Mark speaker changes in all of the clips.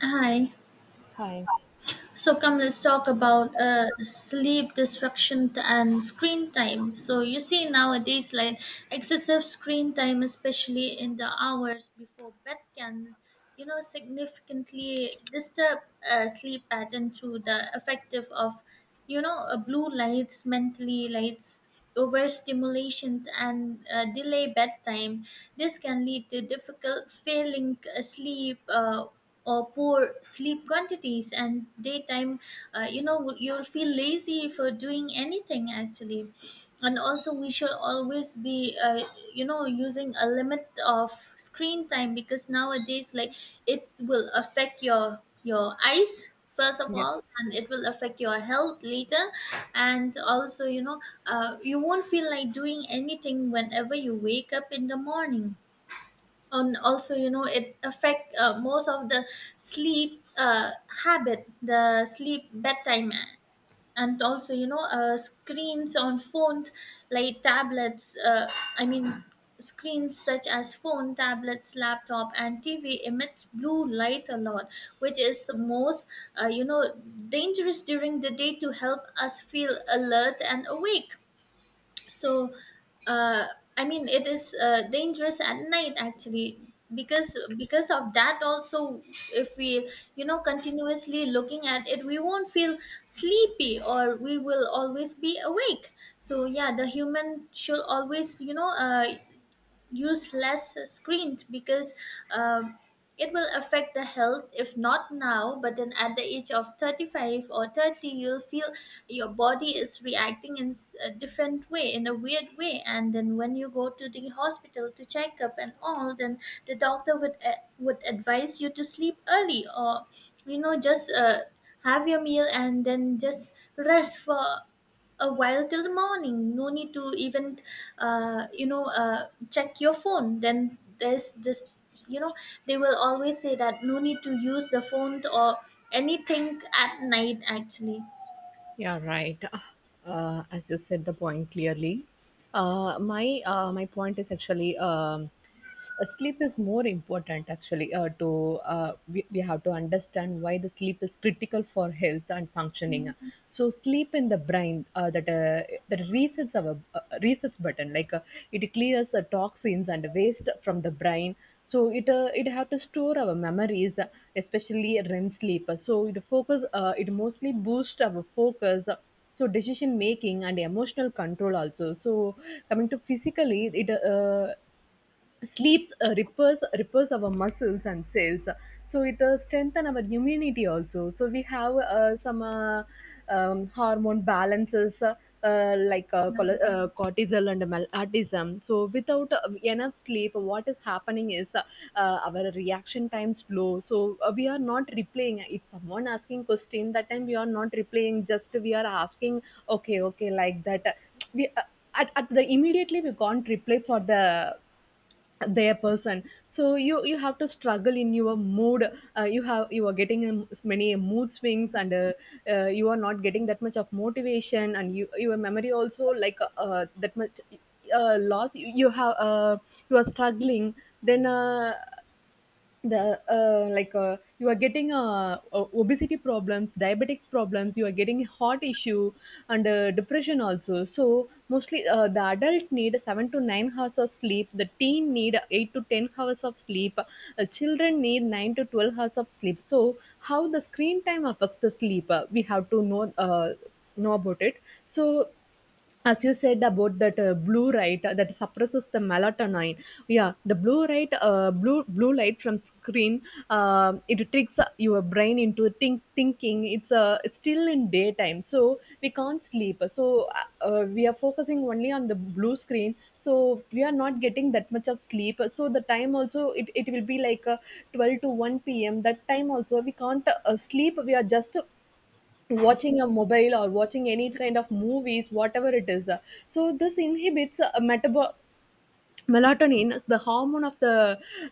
Speaker 1: Hi.
Speaker 2: Hi.
Speaker 1: Let's talk about sleep disruption and screen time. So you see nowadays, like excessive screen time, especially in the hours before bed, can significantly disturb sleep pattern through the effective of blue lights, mentally lights, overstimulation, and delay bedtime. This can lead to difficult failing sleep. Or poor sleep quantities and daytime you'll feel lazy for doing anything actually. And also we should always be using a limit of screen time because nowadays, like, it will affect your eyes first of
Speaker 2: Yeah.
Speaker 1: all, and it will affect your health later. And also, you won't feel like doing anything whenever you wake up in the morning. And also, it affect most of the sleep habit, the sleep bedtime. And also, screens on phones like tablets, i mean screens such as phone, tablets, laptop and TV emits blue light a lot, which is most uh, you know dangerous during the day to help us feel alert and awake. So uh, it is dangerous at night actually, because of that also, if we, continuously looking at it, we won't feel sleepy, or we will always be awake. So yeah, the human should always use less screens, because um, it will affect the health if not now but then at the age of 35 or 30. You'll feel your body is reacting in a different way, in a weird way, and then when you go to the hospital to check up and all, then the doctor would would advise you to sleep early or you know just have your meal and then just rest for a while till the morning. No need to even check your phone. Then there's this, you know they will always say that no need to use the phone or anything at night actually.
Speaker 2: Yeah, right. As you said the point clearly. My point is actually sleep is more important actually, to we have to understand why the sleep is critical for health and functioning. So sleep in the brain, that resets our resets button, like it clears toxins and waste from the brain, so it have to store our memories, especially REM sleep, so it focus, it mostly boosts our focus, so decision making and emotional control also. So coming to physically, it sleep repairs our muscles and cells, so it strengthen our immunity also. So we have some hormone balances, like cortisol and melatonin. So without enough sleep, what is happening is, our reaction time's low. So we are not replaying. If someone asking question, that time we are not replaying, just we are asking okay okay, like that. We, at the immediately, we can't reply for the their person. So you have to struggle in your mood. You are getting many mood swings, and you are not getting that much of motivation, and you your memory also, like that much loss. You have, you are struggling. Then the, like, you are getting o- obesity problems, diabetics problems, you are getting heart issue, and depression also. So mostly the adult need 7 to 9 hours of sleep, the teen need 8 to 10 hours of sleep, children need 9 to 12 hours of sleep. So how the screen time affects the sleep, we have to know about it. So as you said about that blue light that suppresses the melatonin, yeah, the blue light, blue light from screen, it tricks your brain into thinking. It's still in daytime, so we can't sleep. So we are focusing only on the blue screen, so we are not getting that much of sleep. So the time also, it will be like 12 to 1 p.m. That time also we can't sleep. We are just watching a mobile or watching any kind of movies, whatever it is. So this inhibits melatonin is the hormone of the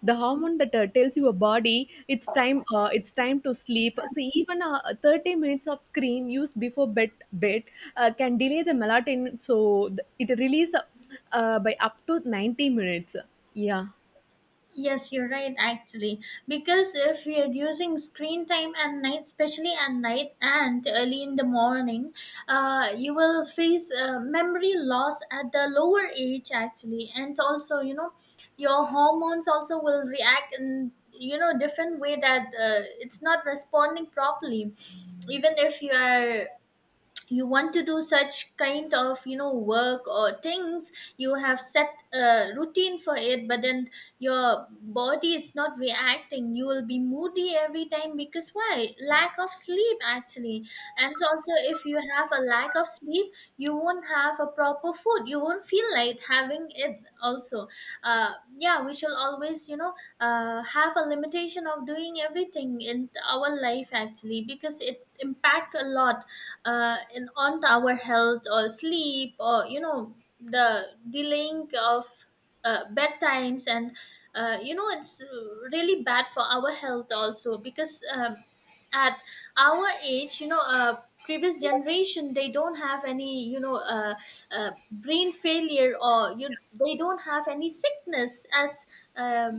Speaker 2: the hormone that tells your body it's time, to sleep. So even 30 minutes of screen use before bed can delay the melatonin, so it release by up to 90 minutes, yeah.
Speaker 1: Yes, you're right, actually. Because if we are using screen time at night, especially at night and early in the morning, you will face memory loss at the lower age, actually. And also, your hormones also will react in, different way, that it's not responding properly. Even if you are, you want to do such kind of, work or things, you have set a routine for it, but then your body is not reacting. You will be moody every time, because why? Lack of sleep, actually. And also, if you have a lack of sleep, you won't have a proper food, you won't feel like having it also. Uh, yeah, we shall always, have a limitation of doing everything in our life, actually, because it impact a lot in on to our health, or sleep, or the delaying of bedtimes, and it's really bad for our health also, because at our age, previous generation, they don't have any, brain failure, or you, they don't have any sickness as, um,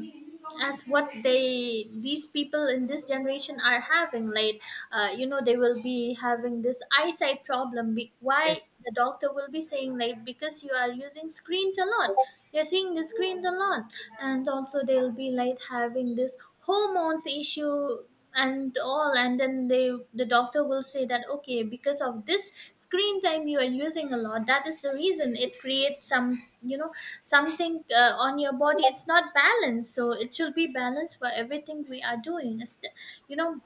Speaker 1: as what they, these people in this generation are having, like, they will be having this eyesight problem. Why
Speaker 2: Yes.
Speaker 1: the doctor will be saying like because you are using screen a lot, you're seeing the screen a lot. And also they'll be like having this hormones issue and all, and then they, the doctor will say that okay, because of this screen time you are using a lot, that is the reason it creates some, something on your body, it's not balanced. So it should be balanced for everything we are doing. It's the- you know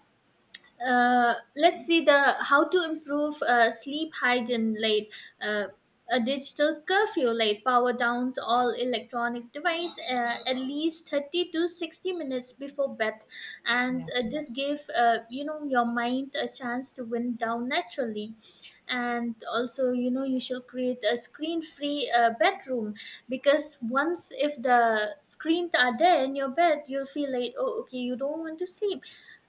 Speaker 1: Let's see the how to improve sleep hygiene, like uh, a digital curfew, like power down to all electronic device at least 30 to 60 minutes before bed. And
Speaker 2: Yeah.
Speaker 1: this give, your mind a chance to wind down naturally. And also, you should create a screen free bedroom, because once if the screens are there in your bed, you'll feel like, oh okay, you don't want to sleep.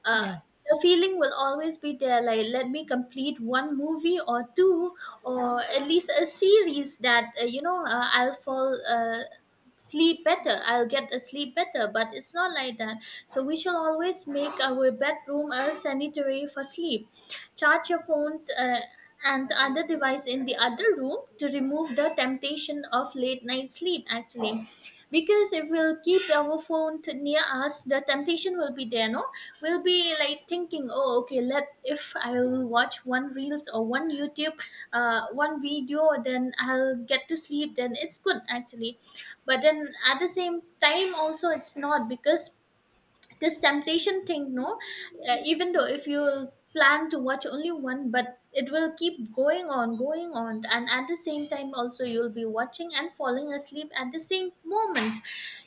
Speaker 1: uh,
Speaker 2: Yeah.
Speaker 1: the feeling will always be there like, let me complete one movie or two, or at least a series, that I'll fall sleep better, I'll get a sleep better, but it's not like that. So we shall always make our bedroom a sanitary for sleep. Charge your phone, and other device in the other room, to remove the temptation of late night sleep, actually. Because if we'll keep our phone to near us, the temptation will be there, no? We'll be like thinking, oh okay, let, if I'll watch one reels or one YouTube, one video, then I'll get to sleep, then it's good actually. But then at the same time also it's not, because this temptation thing, no, even though if you plan to watch only one, but it will keep going on, going on, and at the same time also, you'll be watching and falling asleep at the same moment.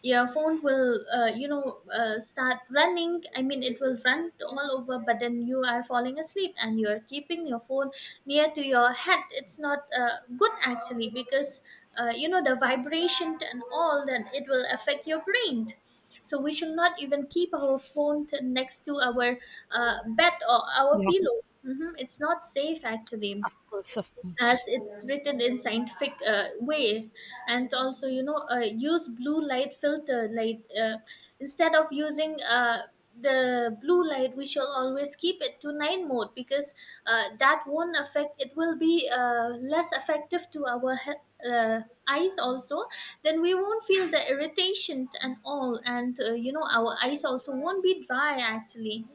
Speaker 1: Your phone will, start running, it will run all over, but then you are falling asleep, and you're keeping your phone near to your head. It's not good, actually, because the vibration and all, then it will affect your brain. So we should not even keep our phone next to our bed or our
Speaker 2: Yeah. Of
Speaker 1: pillow. Hmm, it's not safe actually,
Speaker 2: course.
Speaker 1: as it's written in scientific way. And also, use blue light filter light, instead of using the blue light, we shall always keep it to 9 mode, because that won't affect, it will be less effective to our eyes also. Then we won't feel the irritation and all, and our eyes also won't be dry actually.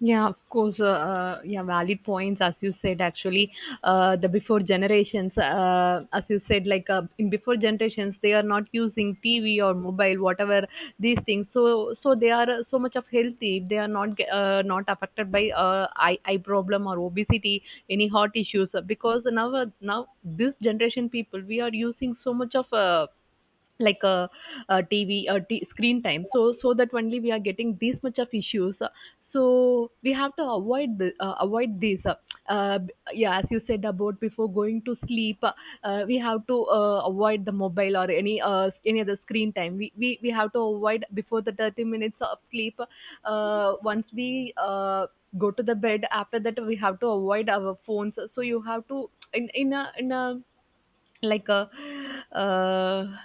Speaker 2: Yeah, of course. Yeah, valid points, as you said. Actually, the before generations, as you said, like in before generations, they are not using TV or mobile, whatever these things. So they are so much of healthy. They are not not affected by eye problem or obesity, any heart issues. Because now this generation people, we are using so much of. Like a tv screen time, so that only we are getting this much of issues. So we have to avoid the, avoid this, yeah, as you said, about before going to sleep, we have to avoid the mobile or any other screen time. We have to avoid before the 30 minutes of sleep. Once we, go to the bed, after that we have to avoid our phones. So you have to in a like, uh,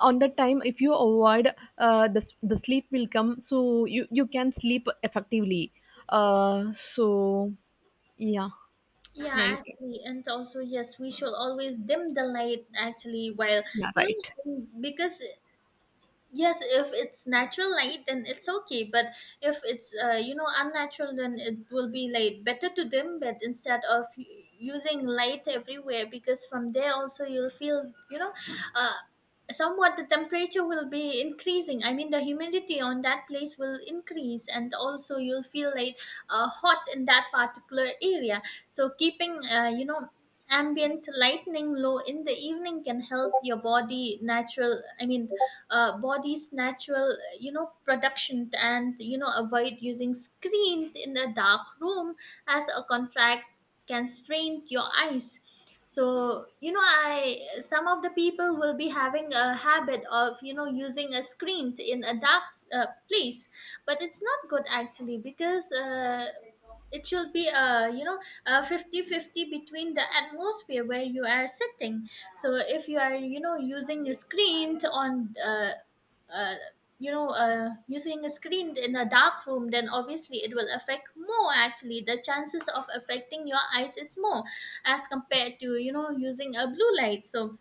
Speaker 2: on that time, if you avoid the sleep will come, so you can sleep effectively, so yeah. Yeah,
Speaker 1: Yeah,
Speaker 2: you can.
Speaker 1: actually, and also yes, we should always dim the light actually while,
Speaker 2: Yeah, right.
Speaker 1: because yes, if it's natural light then it's okay, but if it's unnatural, then it will be like better to dim, but instead of using light everywhere, because from there also you'll feel, uh, somewhat the temperature will be increasing, the humidity on that place will increase, and also you'll feel like hot in that particular area. So keeping, ambient lightning low in the evening can help your body natural, body's natural, production, and avoid using screen in a dark room as a contract, can strain your eyes. So I, some of the people will be having a habit of, using a in a dark place, but it's not good actually, because it should be a, fifty fifty between the atmosphere where you are sitting. So if you are, using a screen t- on uh, you know using a screen in a dark room, then obviously it will affect more, actually the chances of affecting your eyes is more, as compared to using a blue light. So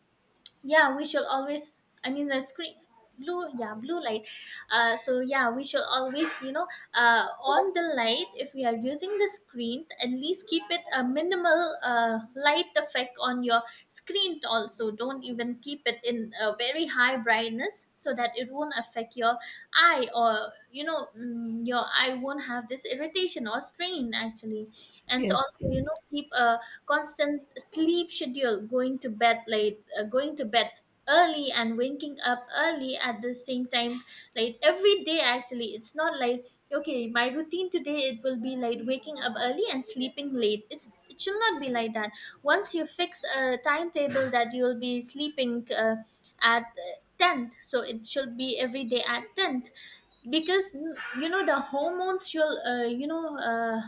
Speaker 1: yeah, we should always, I mean the screen blue yeah blue light. So yeah, we should always, on the light, if we are using the screen, at least keep it a minimal light effect on your screen also, don't even keep it in a very high brightness, so that it won't affect your i, or your I won't have this irritation or strain actually. And to
Speaker 2: Yes.
Speaker 1: also, keep a constant sleep schedule, going to bed late, going to bed early and waking up early at the same time like every day actually. It's not like, okay, my routine today it will be like waking up early and sleeping late, it's, it should not be like that. Once you fix a timetable that you'll be sleeping at 10th, so it should be every day at 10th, because you know, the hormones you'll,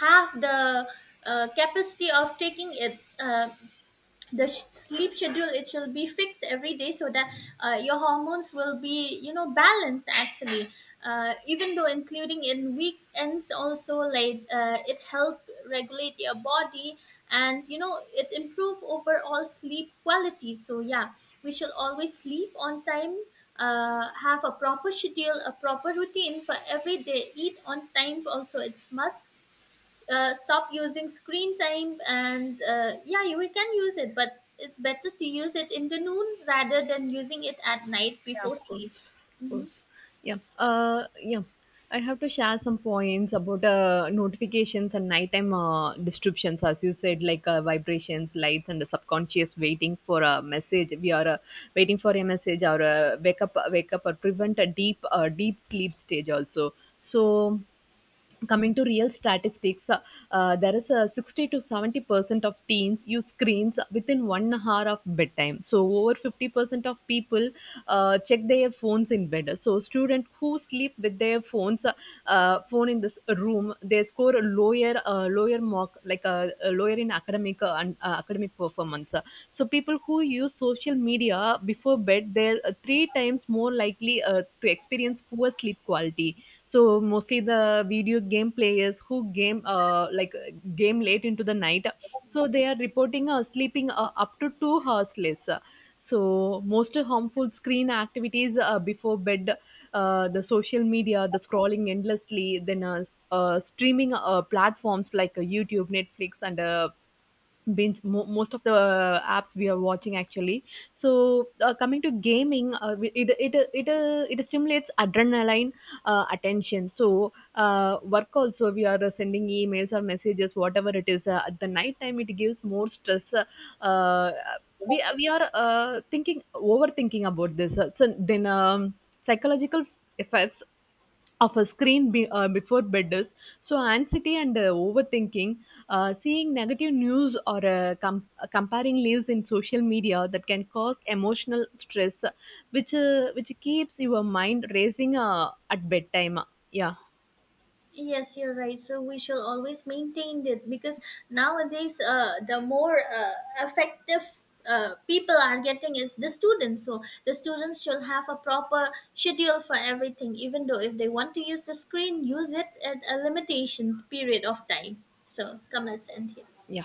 Speaker 1: have the capacity of taking it. The sleep schedule it shall be fixed every day, so that your hormones will be, balanced actually, even though including in weekends also, like it help regulate your body, and it improve overall sleep quality. So yeah, we shall always sleep on time, have a proper schedule, a proper routine for every day, eat on time also, it's must. Stop using screen time, and yeah, you, we can use it, but it's better to use it in the noon rather than using it at night
Speaker 2: Yeah, of
Speaker 1: before sleep.
Speaker 2: course, of
Speaker 1: Mhm.
Speaker 2: course. Yeah, yeah. I have to share some points about notifications and nighttime disruptions, as you said, like vibrations, lights, and the subconscious waiting for a message. We are, waiting for a message, or wake up, or prevent a deep sleep stage also. So coming to real statistics, there is a 60 to 70% of teens use screens within 1 hour of bedtime, so over 50% of people check their phones in bed. So students who sleep with their phone in this room, they score a lower, lower mark, like a lower in academic and academic performance. So people who use social media before bed, they're three times more likely to experience poor sleep quality. So mostly the video game players who game late into the night. So they are reporting, sleeping up to 2 hours less. So most harmful screen activities before bed, the social media, the scrolling endlessly, then streaming platforms like YouTube, Netflix, and binge most of the apps we are watching, actually. So coming to gaming, it stimulates adrenaline, attention. So work also, we are sending emails or messages, whatever it is, at the night time, it gives more stress. Uh, we are thinking overthinking about this, so then psychological effects of a screen before bed is so anxiety and overthinking, seeing negative news or comparing lives in social media, that can cause emotional stress, which keeps your mind racing at bedtime. Yeah,
Speaker 1: Yes, you're right. So we shall always maintain it, because nowadays, the more effective people are getting is the students. So the students shall have a proper schedule for everything. Even though if they want to use the screen, use it at a limitation period of time. So come, let's end here.
Speaker 2: yeah.